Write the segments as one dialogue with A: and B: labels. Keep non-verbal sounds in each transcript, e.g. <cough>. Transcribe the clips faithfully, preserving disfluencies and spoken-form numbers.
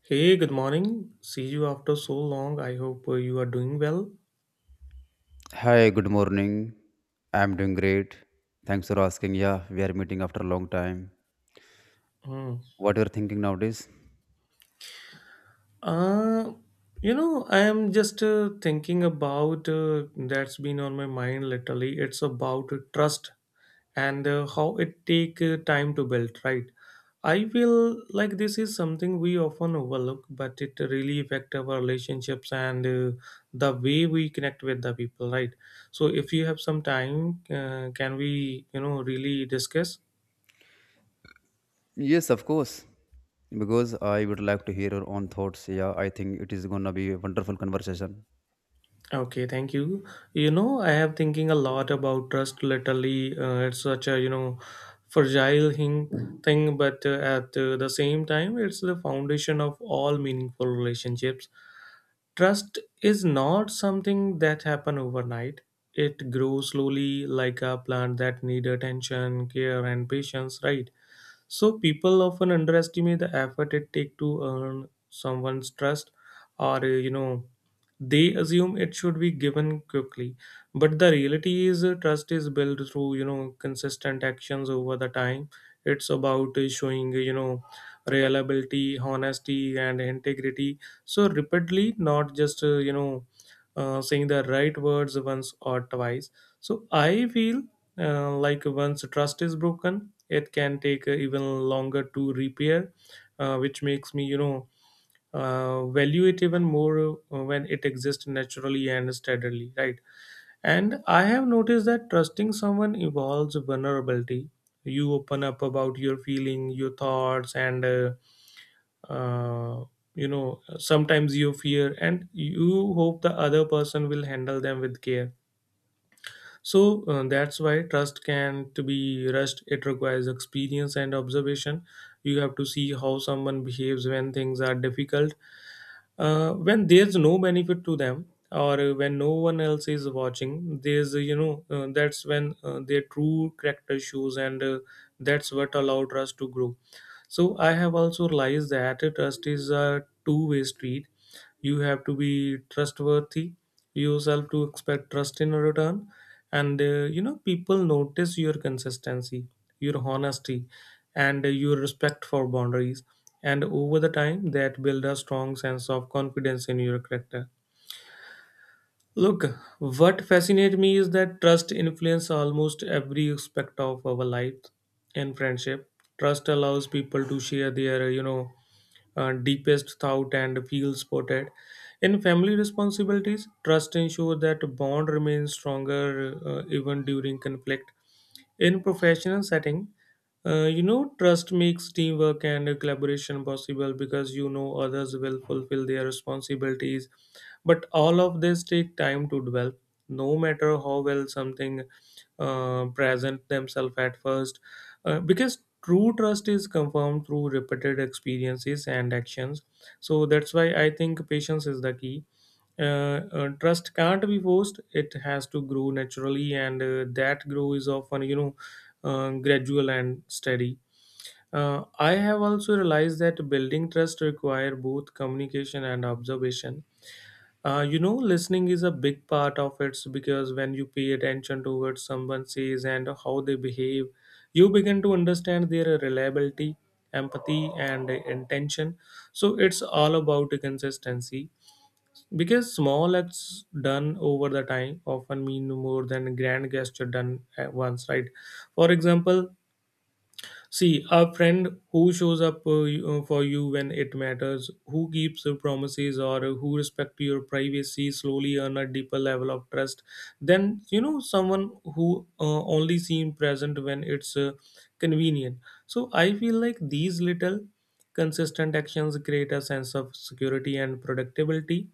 A: Hey, good morning. See you after so long. I hope uh, you are doing well.
B: Hi, good morning. I'm doing great. Thanks for asking. Yeah, we are meeting after a long time.
A: Hmm.
B: What you're thinking nowadays?
A: Uh, you know, I am just uh, thinking about uh, that's been on my mind literally. It's about uh, trust and uh, how it take uh, time to build, right? I feel like this is something we often overlook, but it really affect our relationships and uh, the way we connect with the people, right? So, if you have some time, uh, can we, you know, really discuss?
B: Yes, of course. Because I would like to hear your own thoughts. Yeah, I think it is gonna be a wonderful conversation.
A: Okay, thank you. You know, I have thinking a lot about trust lately. Uh, it's such a you know fragile thing, thing, but uh, at uh, the same time, it's the foundation of all meaningful relationships. Trust is not something that happen overnight. It grows slowly, like a plant that need attention, care, and patience. Right, so people often underestimate the effort it takes to earn someone's trust, or uh, you know, they assume it should be given quickly. But the reality is, uh, trust is built through you know consistent actions over the time. It's about uh, showing uh, you know reliability, honesty, and integrity. So repeatedly, not just uh, you know uh, saying the right words once or twice. So I feel uh, like once trust is broken, it can take uh, even longer to repair, uh, which makes me you know uh, value it even more uh, when it exists naturally and steadily. Right, and I have noticed that trusting someone involves vulnerability. You open up about your feeling, your thoughts, and uh, uh, you know sometimes you fear and you hope the other person will handle them with care. So uh, that's why trust can to be rushed. It requires experience and observation. You have to see how someone behaves when things are difficult, uh, when there's no benefit to them, or uh, when no one else is watching. There's uh, you know uh, That's when uh, their true character shows, and uh, that's what allows trust to grow. So I have also realized that trust is a two-way street. You have to be trustworthy yourself to expect trust in return, and uh, you know people notice your consistency, your honesty, and uh, your respect for boundaries. And over the time, that build a strong sense of confidence in your character. Look, what fascinates me is that trust influences almost every aspect of our life in friendship. Trust allows people to share their, you know, uh, deepest thought and feel supported. In family responsibilities, trust ensures that bond remains stronger uh, even during conflict. In professional setting, uh, you know, trust makes teamwork and uh, collaboration possible because you know others will fulfill their responsibilities. But all of this take time to develop. No matter how well something uh, present themselves at first, uh, because true trust is confirmed through repeated experiences and actions. So that's why I think patience is the key. uh, uh, Trust can't be forced, it has to grow naturally, and uh, that grow is often you know uh, gradual and steady. uh, I have also realized that building trust require both communication and observation. Uh, you know listening is a big part of it, because when you pay attention to what someone says and how they behave, you begin to understand their reliability, empathy, and intention. So it's all about consistency, because small acts done over the time often mean more than grand gesture done at once, right? For example, see a friend who shows up uh, you- uh, for you when it matters, who keeps uh, promises, or who respects your privacy slowly earn a deeper level of trust. Then you know someone who uh, only seem present when it's uh, convenient. So I feel like these little consistent actions create a sense of security and predictability,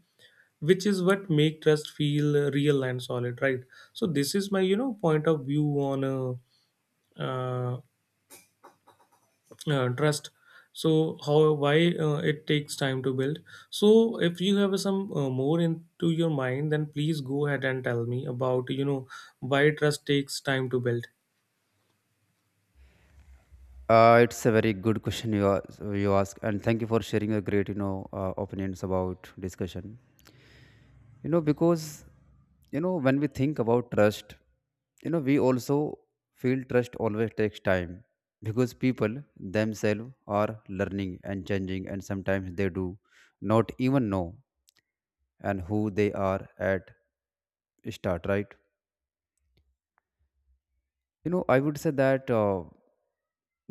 A: which is what make trust feel uh, real and solid. Right, so this is my you know point of view on uh, uh, uh, trust, so how, why uh, it takes time to build. So if you have some uh, more into your mind, then please go ahead and tell me about you know why trust takes time to build.
B: Uh, it's a very good question you ask, you ask, and thank you for sharing your great, you know, uh, opinions about discussion. You know, because you know when we think about trust, you know, we also feel trust always takes time, because people themselves are learning and changing, and sometimes they do not even know and who they are at start, right? You know, I would say that uh,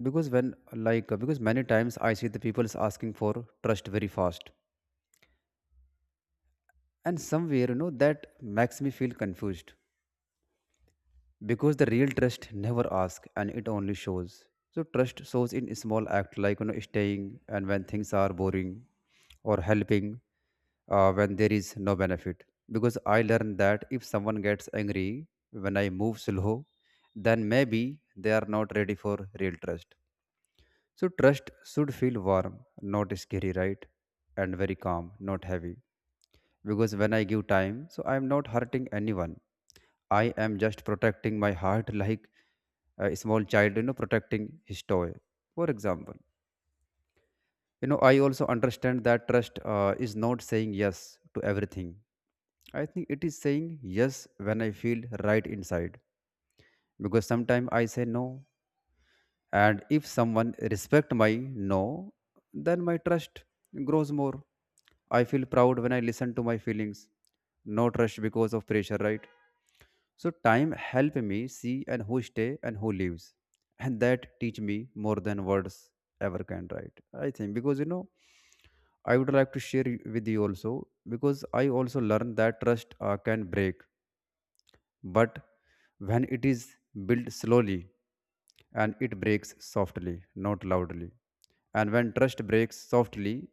B: because when like uh, because many times I see the people is asking for trust very fast, and somewhere, you know, that makes me feel confused, because the real trust never asks and it only shows. So trust shows in small act, like, you know, staying and when things are boring, or helping uh, when there is no benefit, because I learned that if someone gets angry when I move slow, then maybe they are not ready for real trust. So trust should feel warm, not scary, right? And very calm, not heavy, because when I give time, so I am not hurting anyone. I am just protecting my heart like a small child, you know, protecting his toy. For example, you know, I also understand that trust uh, is not saying yes to everything. I think it is saying yes when I feel right inside, because sometimes I say no, and if someone respect my no, then my trust grows more. I feel proud when I listen to my feelings. No trust because of pressure, right? So time help me see and who stay and who leaves. And that teach me more than words ever can write. I think, because you know, I would like to share y- with you also, because I also learned that trust uh, can break, but when it is built slowly, and it breaks softly, not loudly. And when trust breaks softly,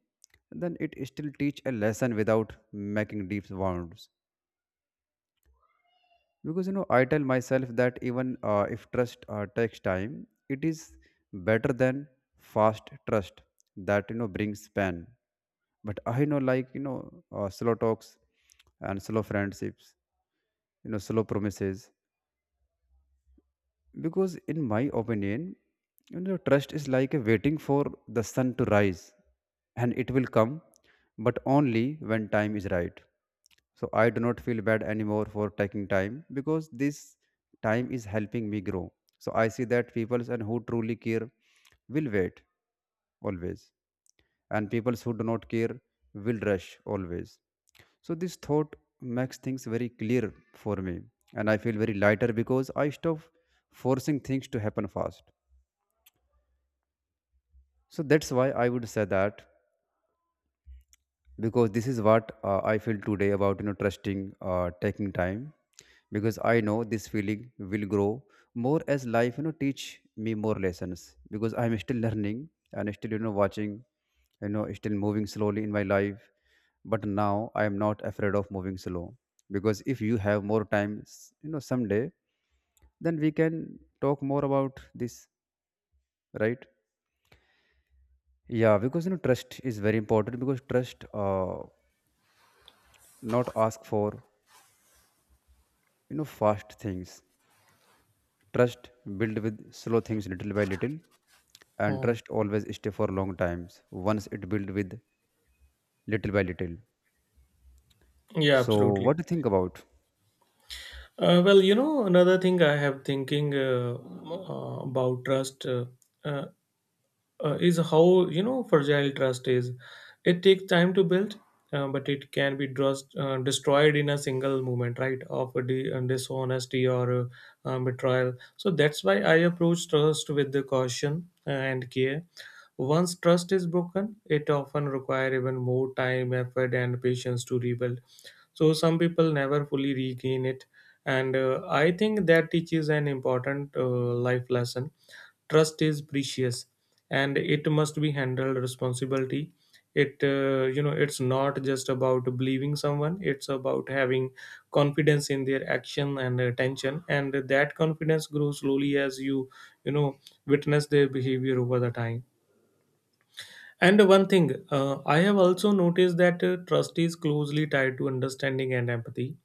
B: then it still teach a lesson without making deep wounds, because you know I tell myself that even uh, if trust uh, takes time, it is better than fast trust that, you know, brings pain. But I know, like, you know, uh, slow talks and slow friendships, you know, slow promises. Because in my opinion, you know, trust is like a waiting for the sun to rise, and it will come, but only when time is right. So I do not feel bad anymore for taking time, because this time is helping me grow. So I see that people and who truly care will wait always, and people who do not care will rush always. So this thought makes things very clear for me, and I feel very lighter because I stop forcing things to happen fast. So that's why I would say that, because this is what uh, I feel today about, you know, trusting uh, taking time, because I know this feeling will grow more as life, you know, teach me more lessons, because I'm still learning and still, you know, watching, you know, still moving slowly in my life. But now I am not afraid of moving slow, because if you have more time, s- you know, someday, then we can talk more about this, right? Yeah, because you know trust is very important, because trust uh, not ask for, you know, fast things. Trust build with slow things, little by little, and
A: Hmm.
B: trust always stay for long times once it build with little by little.
A: Yeah,
B: So
A: absolutely.
B: what do you think about?
A: Uh, well, you know, another thing I have thinking uh, uh, about trust uh, uh, uh, is how you know fragile trust is. It takes time to build, uh, but it can be trust, uh, destroyed in a single moment, right, of a de- uh, dishonesty or uh, um, betrayal. So that's why I approach trust with the caution and care. Once trust is broken, it often requires even more time, effort, and patience to rebuild. So some people never fully regain it, and uh, I think that teaches an important uh, life lesson. Trust is precious, and it must be handled responsibility. It uh, you know it's not just about believing someone, it's about having confidence in their action and attention, and that confidence grows slowly as you you know witness their behavior over the time. And one thing, uh, I have also noticed that uh, trust is closely tied to understanding and empathy.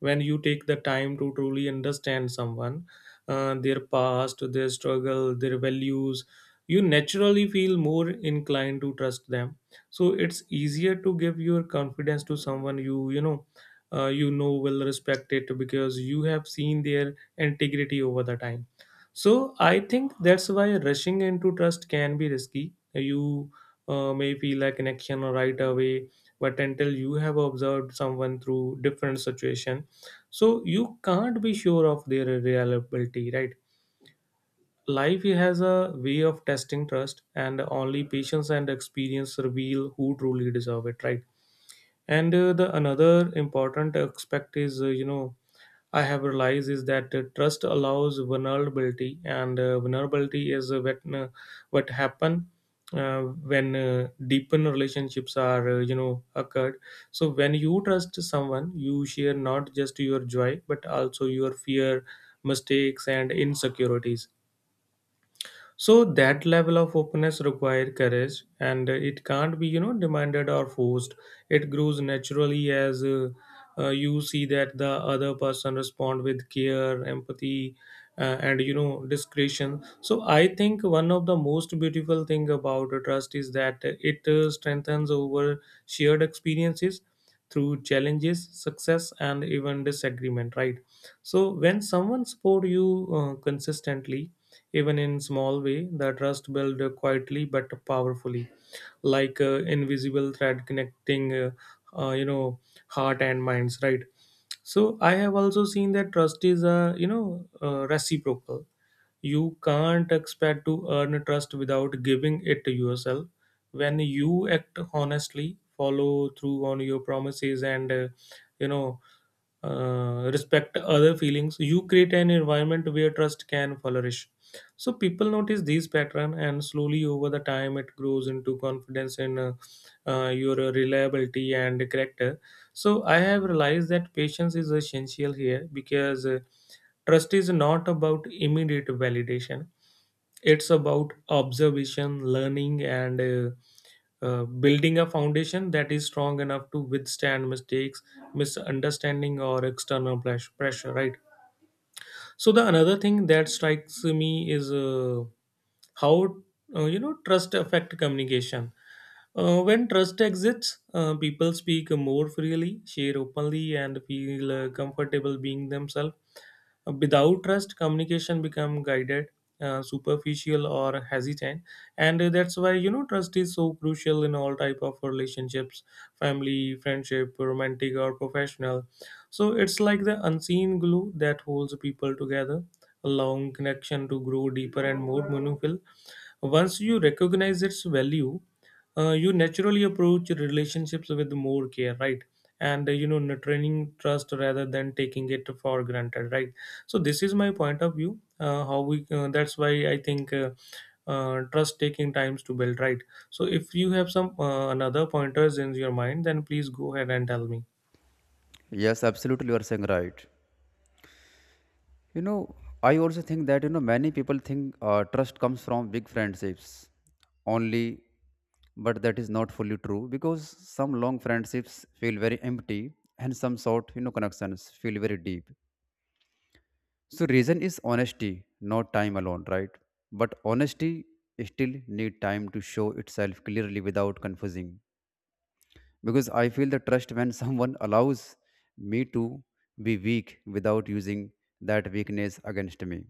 A: When you take the time to truly understand someone, uh, their past, their struggle, their values, you naturally feel more inclined to trust them. So it's easier to give your confidence to someone you you know uh, you know will respect it because you have seen their integrity over the time. So I think that's why rushing into trust can be risky. You uh, may feel a connection right away, but until you have observed someone through different situation, so you can't be sure of their reliability. Right, life has a way of testing trust, and only patience and experience reveal who truly deserve it. Right, and uh, the another important aspect is uh, you know I have realized is that uh, trust allows vulnerability, and uh, vulnerability is uh, what uh, what happen uh, when uh, deepened relationships are uh, you know occurred. So when you trust someone, you share not just your joy but also your fear, mistakes, and insecurities. So that level of openness required courage, and it can't be you know demanded or forced. It grows naturally as uh, uh, you see that the other person respond with care, empathy, uh, and you know discretion. So I think one of the most beautiful thing about trust is that it uh, strengthens over shared experiences, through challenges, success, and even disagreement. Right, so when someone support you uh, consistently, even in small way, the trust built quietly but powerfully, like uh, invisible thread connecting, uh, uh, you know, heart and minds. Right. So I have also seen that trust is a you know uh, reciprocal. You can't expect to earn trust without giving it to yourself. When you act honestly, follow through on your promises, and uh, you know uh, respect other feelings, you create an environment where trust can flourish. So people notice these pattern, and slowly over the time it grows into confidence in uh, uh, your uh, reliability and character. So I have realized that patience is essential here, because uh, trust is not about immediate validation. It's about observation, learning, and uh, uh, building a foundation that is strong enough to withstand mistakes, misunderstanding, or external pres- pressure. Right? So the another thing that strikes me is uh, how uh, you know trust affect communication. Uh, when trust exists, uh, people speak more freely, share openly, and feel uh, comfortable being themselves. Without trust, communication become guided, uh, superficial, or hesitant. And that's why you know trust is so crucial in all type of relationships: family, friendship, romantic, or professional. So it's like the unseen glue that holds people together, allowing connection to grow deeper and more meaningful. Once you recognize its value, uh, you naturally approach relationships with more care, right? And uh, you know, nurturing trust rather than taking it for granted, right? So this is my point of view. Uh, how we uh, that's why I think uh, uh, trust taking times to build, right? So if you have some uh, another pointers in your mind, then please go ahead and tell me.
B: Yes, absolutely, you are saying right. You know, I also think that, you know, many people think uh, trust comes from big friendships only, but that is not fully true, because some long friendships feel very empty, and some short, you know, connections feel very deep. So reason is honesty, not time alone, right? But honesty still need time to show itself clearly without confusing. Because I feel the trust when <laughs> someone allows me to be weak without using that weakness against me.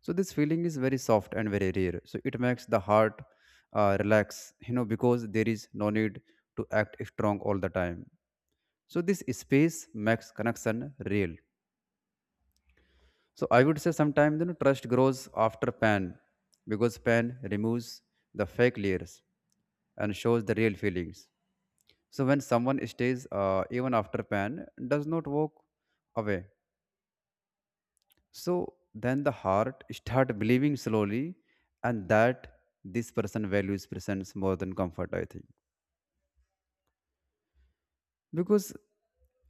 B: So this feeling is very soft and very rare. So it makes the heart uh, relax, you know, because there is no need to act strong all the time. So this space makes connection real. So I would say sometimes, you know, trust grows after pain, because pain removes the fake layers and shows the real feelings. So when someone stays uh, even after pain does not walk away. So then the heart start believing slowly, and that this person values presence more than comfort, I think, because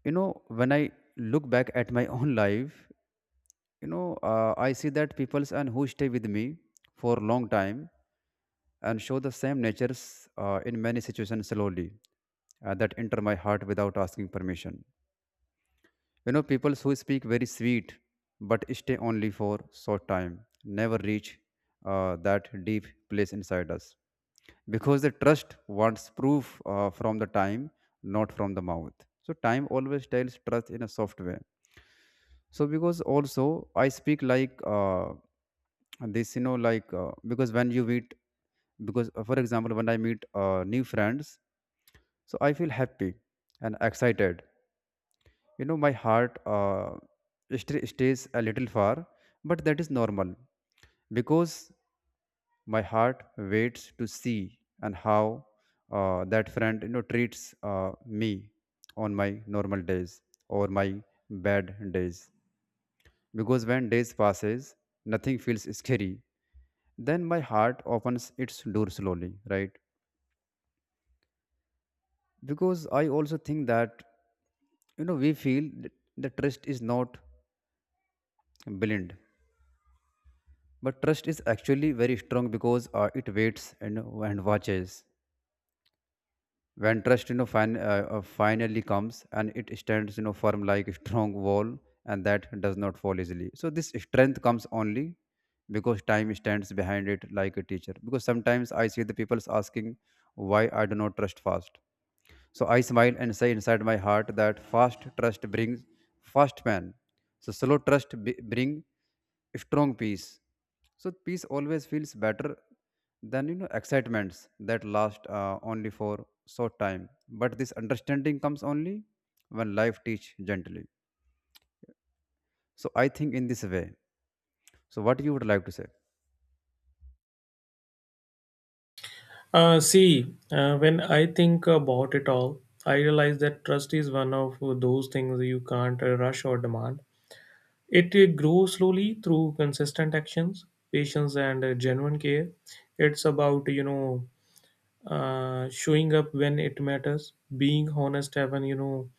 B: you know when I look back at my <laughs> own life, you know, uh, I see that peoples and who stay with me for long time and show the same natures uh, in many situations slowly, uh, that enter my heart without asking permission. You know, peoples who speak very sweet but stay only for short time never reach uh, that deep place inside us, because the trust wants proof uh, from the time, not from the mouth. So time always tells trust in a soft way. So because also I speak like uh, this you know like uh, because when you meet because uh, for example, when I meet uh, new friends, so I feel happy and excited. You know, my heart uh, st- stays a little far, but that is normal, because my heart waits to see and how uh, that friend, you know, treats uh, me on my normal days or my bad days. Because when days passes, nothing feels scary, then my heart opens its door slowly, right? Because I also think that, you know, we feel that the trust is not blind, but trust is actually very strong, because uh, it waits and, and watches. When trust, you know, fin- uh, uh, finally comes, and it stands, you know, firm like a strong wall, and that does not fall easily. So this strength comes only because time stands behind it like a teacher. Because sometimes I see the people's asking why I do not trust fast, so I smile and say inside my heart that fast trust brings fast man. So slow trust b- bring strong peace. So peace always feels better than, you know, excitements that last uh, only for short time. But this understanding comes only when life teach gently. So I think in this way. So what you would like to say?
A: Uh, see, uh, when I think about it all, I realize that trust is one of those things you can't uh, rush or demand. It uh, grows slowly through consistent actions, patience, and uh, genuine care. It's about you know uh, showing up when it matters, being honest, even you know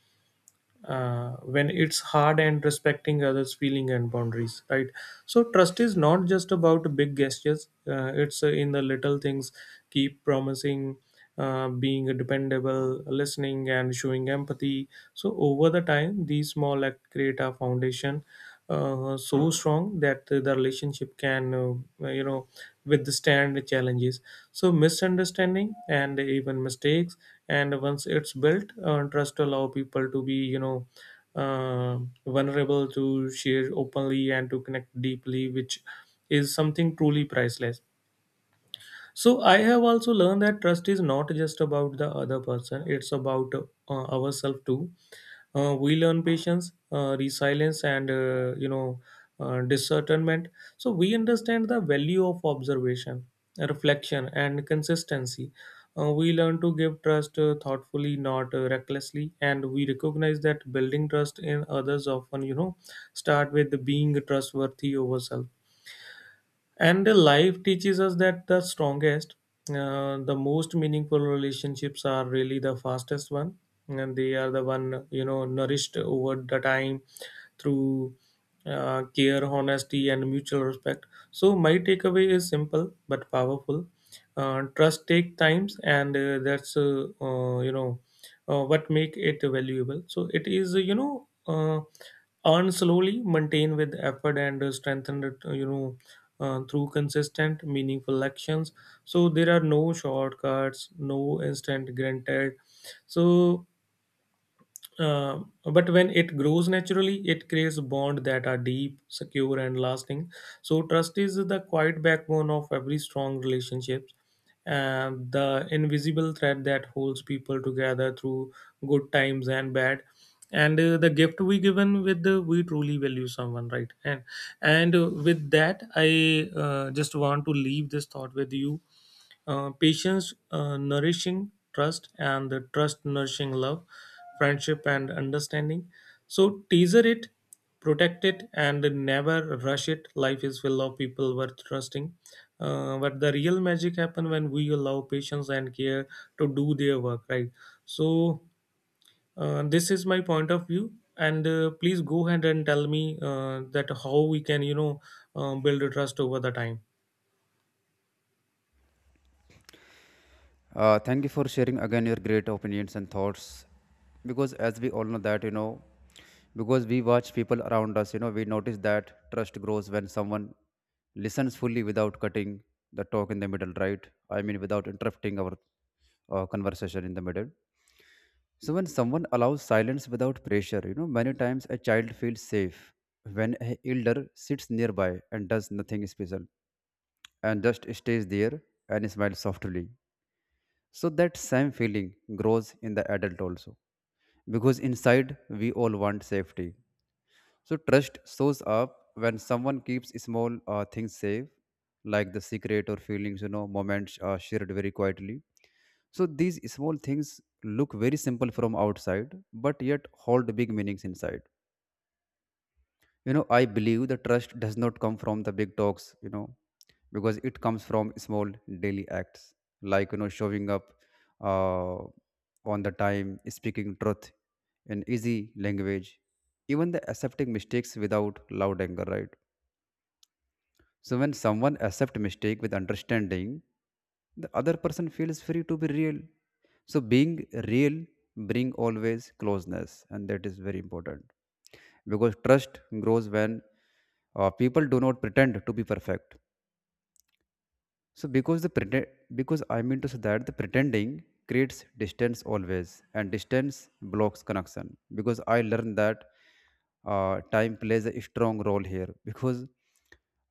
A: uh, when it's hard, and respecting others feeling and boundaries, right? So trust is not just about big gestures. Uh, it's uh, in the little things, keep promising, uh, being dependable, listening and showing empathy. So over the time these small acts create a foundation uh, so strong that the relationship can, uh, you know withstand the challenges, so misunderstanding and even mistakes. And once it's built, uh, trust allow people to be, you know uh, vulnerable, to share openly and to connect deeply, which is something truly priceless. So I have also learned that trust is not just about the other person; it's about uh, ourselves too. Uh, we learn patience, uh, resilience, and uh, you know uh, discernment. So we understand the value of observation, reflection, and consistency. Uh, we learn to give trust uh, thoughtfully, not uh, recklessly, and we recognize that building trust in others often, you know, start with being trustworthy over self. And the life teaches us that the strongest, uh, the most meaningful relationships are really the fastest one, and they are the one you know nourished over the time through uh, care, honesty, and mutual respect. So my takeaway is simple but powerful. Uh, trust take times, and uh, that's uh, uh, you know uh, what make it valuable. So it is uh, you know uh, earn slowly, maintain with effort, and uh, strengthen it. uh, You know uh, through consistent, meaningful actions. So there are no shortcuts, no instant granted. So uh, but when it grows naturally, it creates bonds that are deep, secure, and lasting. So trust is the quiet backbone of every strong relationship, and the invisible thread that holds people together through good times and bad. And uh, the gift we given with the, we truly value someone, right? And and uh, with that, I uh, just want to leave this thought with you, uh, patience uh, nourishing trust, and the trust nourishing love, friendship and understanding. So teaser it, protect it, and never rush it. Life is full of people worth trusting, uh, but the real magic happen when we allow patience and care to do their work, right? So uh, this is my point of view, and uh, please go ahead and tell me uh, that how we can, you know uh, build trust over the time.
B: Uh, thank you for sharing again your great opinions and thoughts. Because as we all know that, you know, because we watch people around us, you know, we notice that trust grows when someone listens fully without cutting the talk in the middle, right? I mean, without interrupting our uh, conversation in the middle. So when someone allows silence without pressure, you know, many times a child feels safe when an elder sits nearby and does nothing special and just stays there and smiles softly, so that same feeling grows in the adult also. Because inside we all want safety. So trust shows up when someone keeps small uh, things safe, like the secret or feelings, you know, moments are shared very quietly. So these small things look very simple from outside, but yet hold big meanings inside. You know, I believe the trust does not come from the big talks, you know, because it comes from small daily acts, like, you know, showing up uh, on the time, speaking truth in easy language, even the accepting mistakes without loud anger, right? So when someone accepts mistake with understanding, the other person feels free to be real. So being real bring always closeness, and that is very important, because trust grows when uh, people do not pretend to be perfect. So because the pretend, because I mean to say that the pretending creates distance always, and distance blocks connection. Because I learned that uh, time plays a strong role here. Because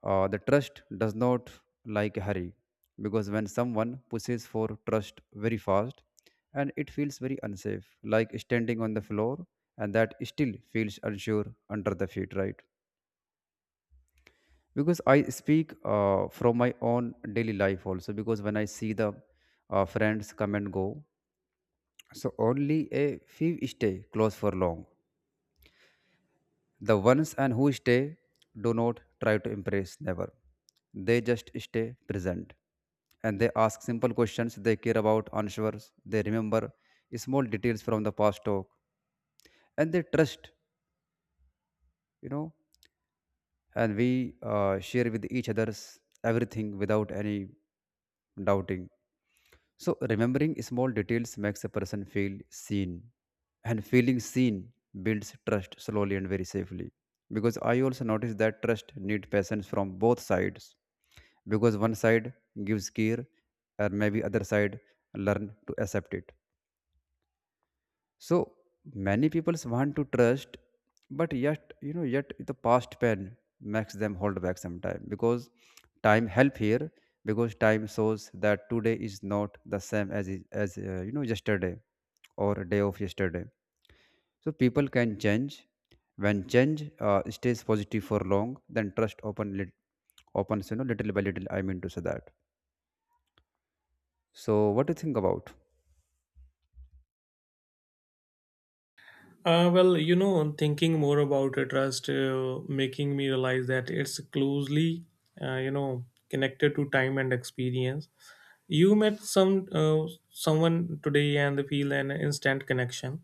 B: uh, the trust does not like a hurry. Because when someone pushes for trust very fast, and it feels very unsafe, like standing on the floor, and that still feels unsure under the feet, right? Because I speak uh, from my own daily life also, because when I see the uh, friends come and go, so only a few stay close for long. The ones and who stay do not try to impress never. They just stay present, and they ask simple questions, they care about answers, they remember small details from the past talk, and they trust, you know, and we uh, share with each others everything without any doubting. So, remembering small details makes a person feel seen, and feeling seen builds trust slowly and very safely. Because I also noticed that trust need patience from both sides, because one side gives care, and maybe other side learn to accept it. So many people want to trust, but yet you know yet the past pain makes them hold back sometime because time help here because time shows that today is not the same as it- as uh, you know yesterday or a day of yesterday. So people can change. When change uh, stays positive for long, then trust open lit- opens you know little by little. I mean to say that. So what do you think about?
A: Uh, well, you know, thinking more about it, trust uh, making me realize that it's closely, uh, you know, connected to time and experience. You met some uh, someone today and feel an instant connection,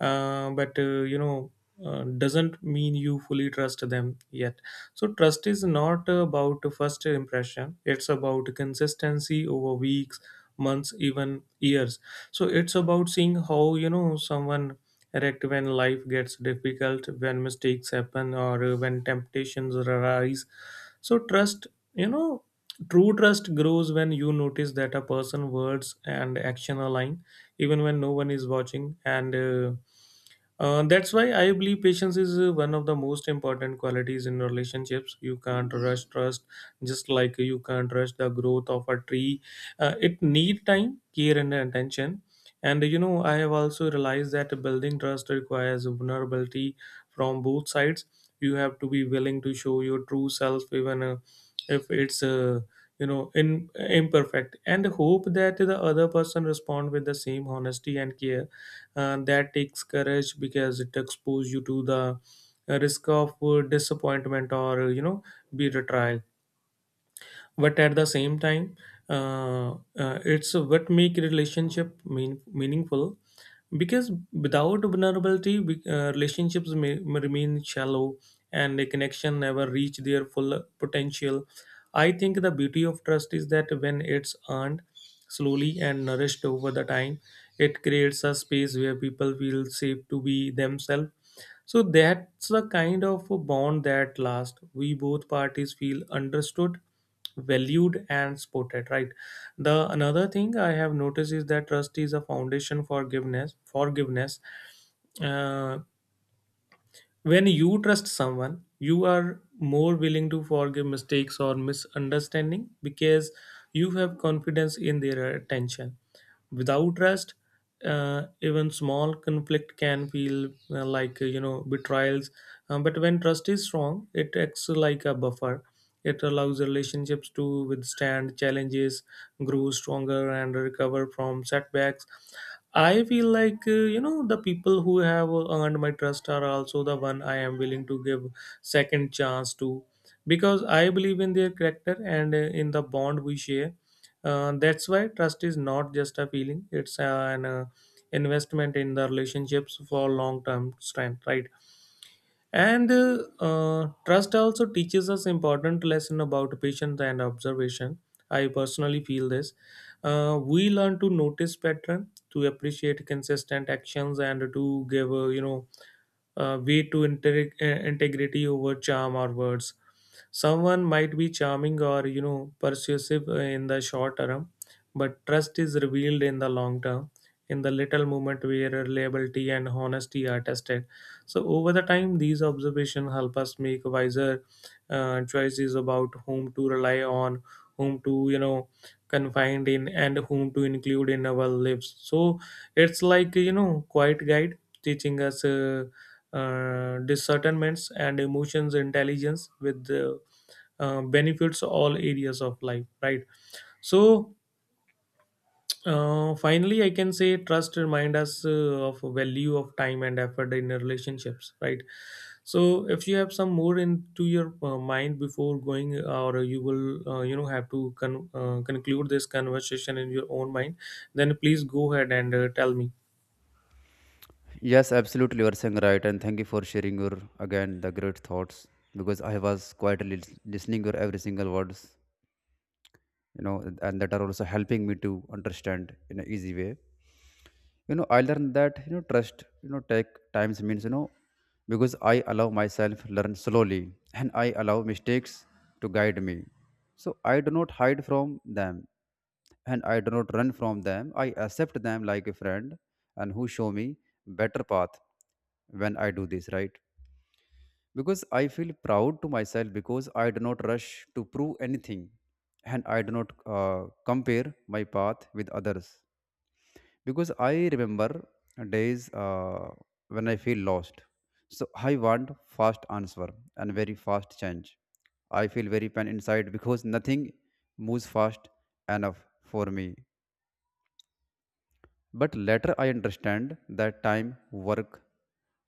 A: uh, but uh, you know uh, doesn't mean you fully trust them yet. So trust is not about first impression, it's about consistency over weeks, months, even years. So it's about seeing how you know someone react when life gets difficult, when mistakes happen, or uh, when temptations arise. So trust you know True trust grows when you notice that a person's words and action align, even when no one is watching. And uh, uh, that's why I believe patience is uh, one of the most important qualities in relationships. You can't rush trust, just like you can't rush the growth of a tree. Uh, it need time, care, and attention. And you know, I have also realized that building trust requires vulnerability from both sides. You have to be willing to show your true self, even uh, if it's uh, you know in imperfect, and hope that the other person respond with the same honesty and care. Uh, that takes courage because it exposes you to the risk of uh, disappointment or, uh, you know be retrial. But at the same time, uh, uh, it's what make relationship mean, meaningful, because without vulnerability we- uh, relationships may, may remain shallow, and a connection never reach their full potential. I think the beauty of trust is that when it's earned slowly and nourished over the time, it creates a space where people feel safe to be themselves. So that's the kind of a bond that lasts. We both parties feel understood, valued, and supported. Right. The another thing I have noticed is that trust is a foundation for forgiveness. Forgiveness. Uh, when you trust someone, you are more willing to forgive mistakes or misunderstanding, because you have confidence in their attention. Without rest, uh, even small conflict can feel uh, like uh, you know betrayals. Um, but when trust is strong, it acts like a buffer. It allows relationships to withstand challenges, grow stronger, and recover from setbacks. I feel like uh, you know the people who have earned my trust are also the one I am willing to give second chance to, because I believe in their character and uh, in the bond we share. Uh, that's why trust is not just a feeling; it's uh, an uh, investment in the relationships for long-term strength, right? And uh, uh, trust also teaches us important lesson about patience and observation. I personally feel this. Uh, we learn to notice pattern, to appreciate consistent actions, and to give uh, you know uh, way to integ- uh, integrity over charm or words. Someone might be charming or you know persuasive uh, in the short term, but trust is revealed in the long term, in the little moment where reliability and honesty are tested. So over the time, these observations help us make wiser uh, choices about whom to rely on, whom to you know confine in, and whom to include in our lives. So it's like you know quiet guide teaching us uh, uh, discernments and emotions intelligence with the uh, benefits all areas of life. Right. So uh, finally, I can say trust remind us uh, of value of time and effort in relationships. Right. So if you have some more into your uh, mind before going, or you will uh, you know have to con- uh, conclude this conversation in your own mind, then please go ahead and uh, tell me.
B: Yes, absolutely. You are saying right. And thank you for sharing your again the great thoughts because I was quietly lis- listening your every single words, you know, and that are also helping me to understand in an easy way. You know I learned that you know trust you know take times means you know because I allow myself learn slowly, and I allow mistakes to guide me. So I do not hide from them, and I do not run from them. I accept them like a friend and who show me better path. When I do this right, because I feel proud to myself because I do not rush to prove anything, and I do not uh, compare my path with others, because I remember days uh, when I feel lost. So I want fast answer and very fast change. I feel very pain inside because nothing moves fast enough for me. But later I understand that time work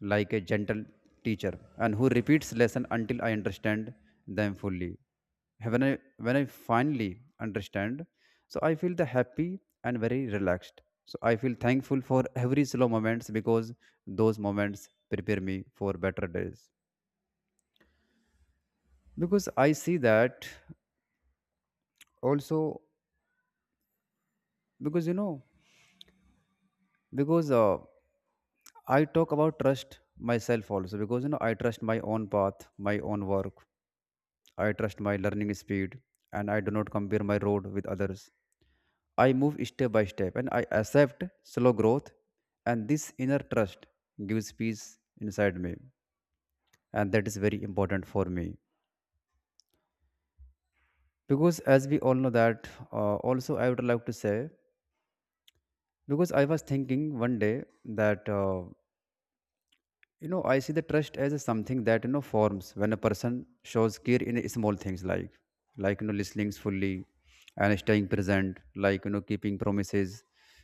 B: like a gentle teacher and who repeats lesson until I understand them fully. When I when I finally understand, so I feel the happy and very relaxed. So I feel thankful for every slow moments because those moments prepare me for better days. Because I see that also, because you know because uh, I talk about trust myself also because you know I trust my own path, my own work. I trust my learning speed, and I do not compare my road with others. I move step by step, and I accept slow growth. And this inner trust gives peace inside me, and that is very important for me because as we all know that. Uh, also, I would like to say because I was thinking one day that. Uh, You know, I see the trust as a something that you know forms when a person shows care in small things like, like you know, listening fully, and staying present, like you know, keeping promises,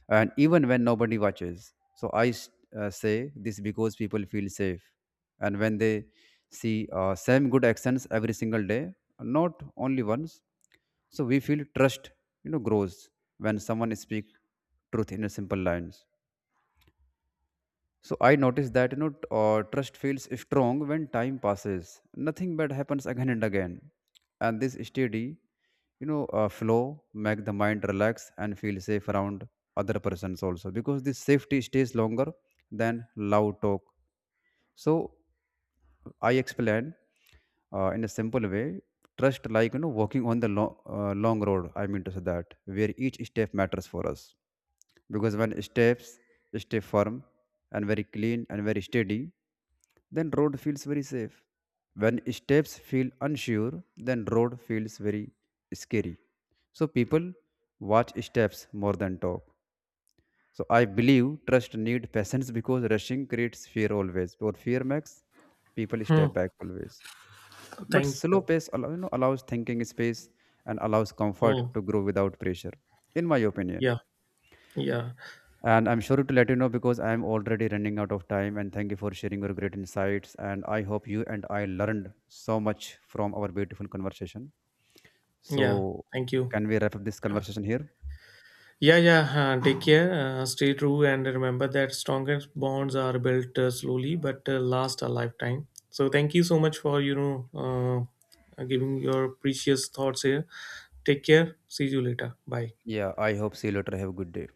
B: and even when nobody watches. So I s- uh, say this because people feel safe, and when they see uh, same good actions every single day, not only once, so we feel trust, you know, grows when someone speak truth in a simple lines. So I noticed that you know t- uh, trust feels strong when time passes. Nothing bad happens again and again, and this steady, you know, uh, flow make the mind relax and feel safe around other persons also, because this safety stays longer than loud talk. So I explain uh, in a simple way. Trust like you know walking on the lo- uh, long road. I mean to say that where each step matters for us, because when steps stay firm and very clean and very steady, then road feels very safe. When steps feel unsure, then road feels very scary. So people watch steps more than talk. So I believe trust need patience because rushing creates fear always, or fear makes people
A: Hmm.
B: step back always, but
A: Thank
B: slow
A: you.
B: pace allow, you know, allows thinking space and allows comfort
A: Hmm.
B: to grow without pressure, in my opinion.
A: Yeah, yeah,
B: And I'm sure to let you know because I'm already running out of time. And thank you for sharing your great insights. And I hope you and I learned so much from our beautiful conversation.
A: yeah.
B: So,
A: Thank you.
B: can we wrap up this conversation here?
A: Yeah, yeah, uh, take care. Uh, stay true, and remember that strongest bonds are built uh, slowly but uh, last a lifetime. So thank you so much for you know uh, giving your precious thoughts here. Take care. See you later. Bye.
B: Yeah, I hope. See you later. Have a good day.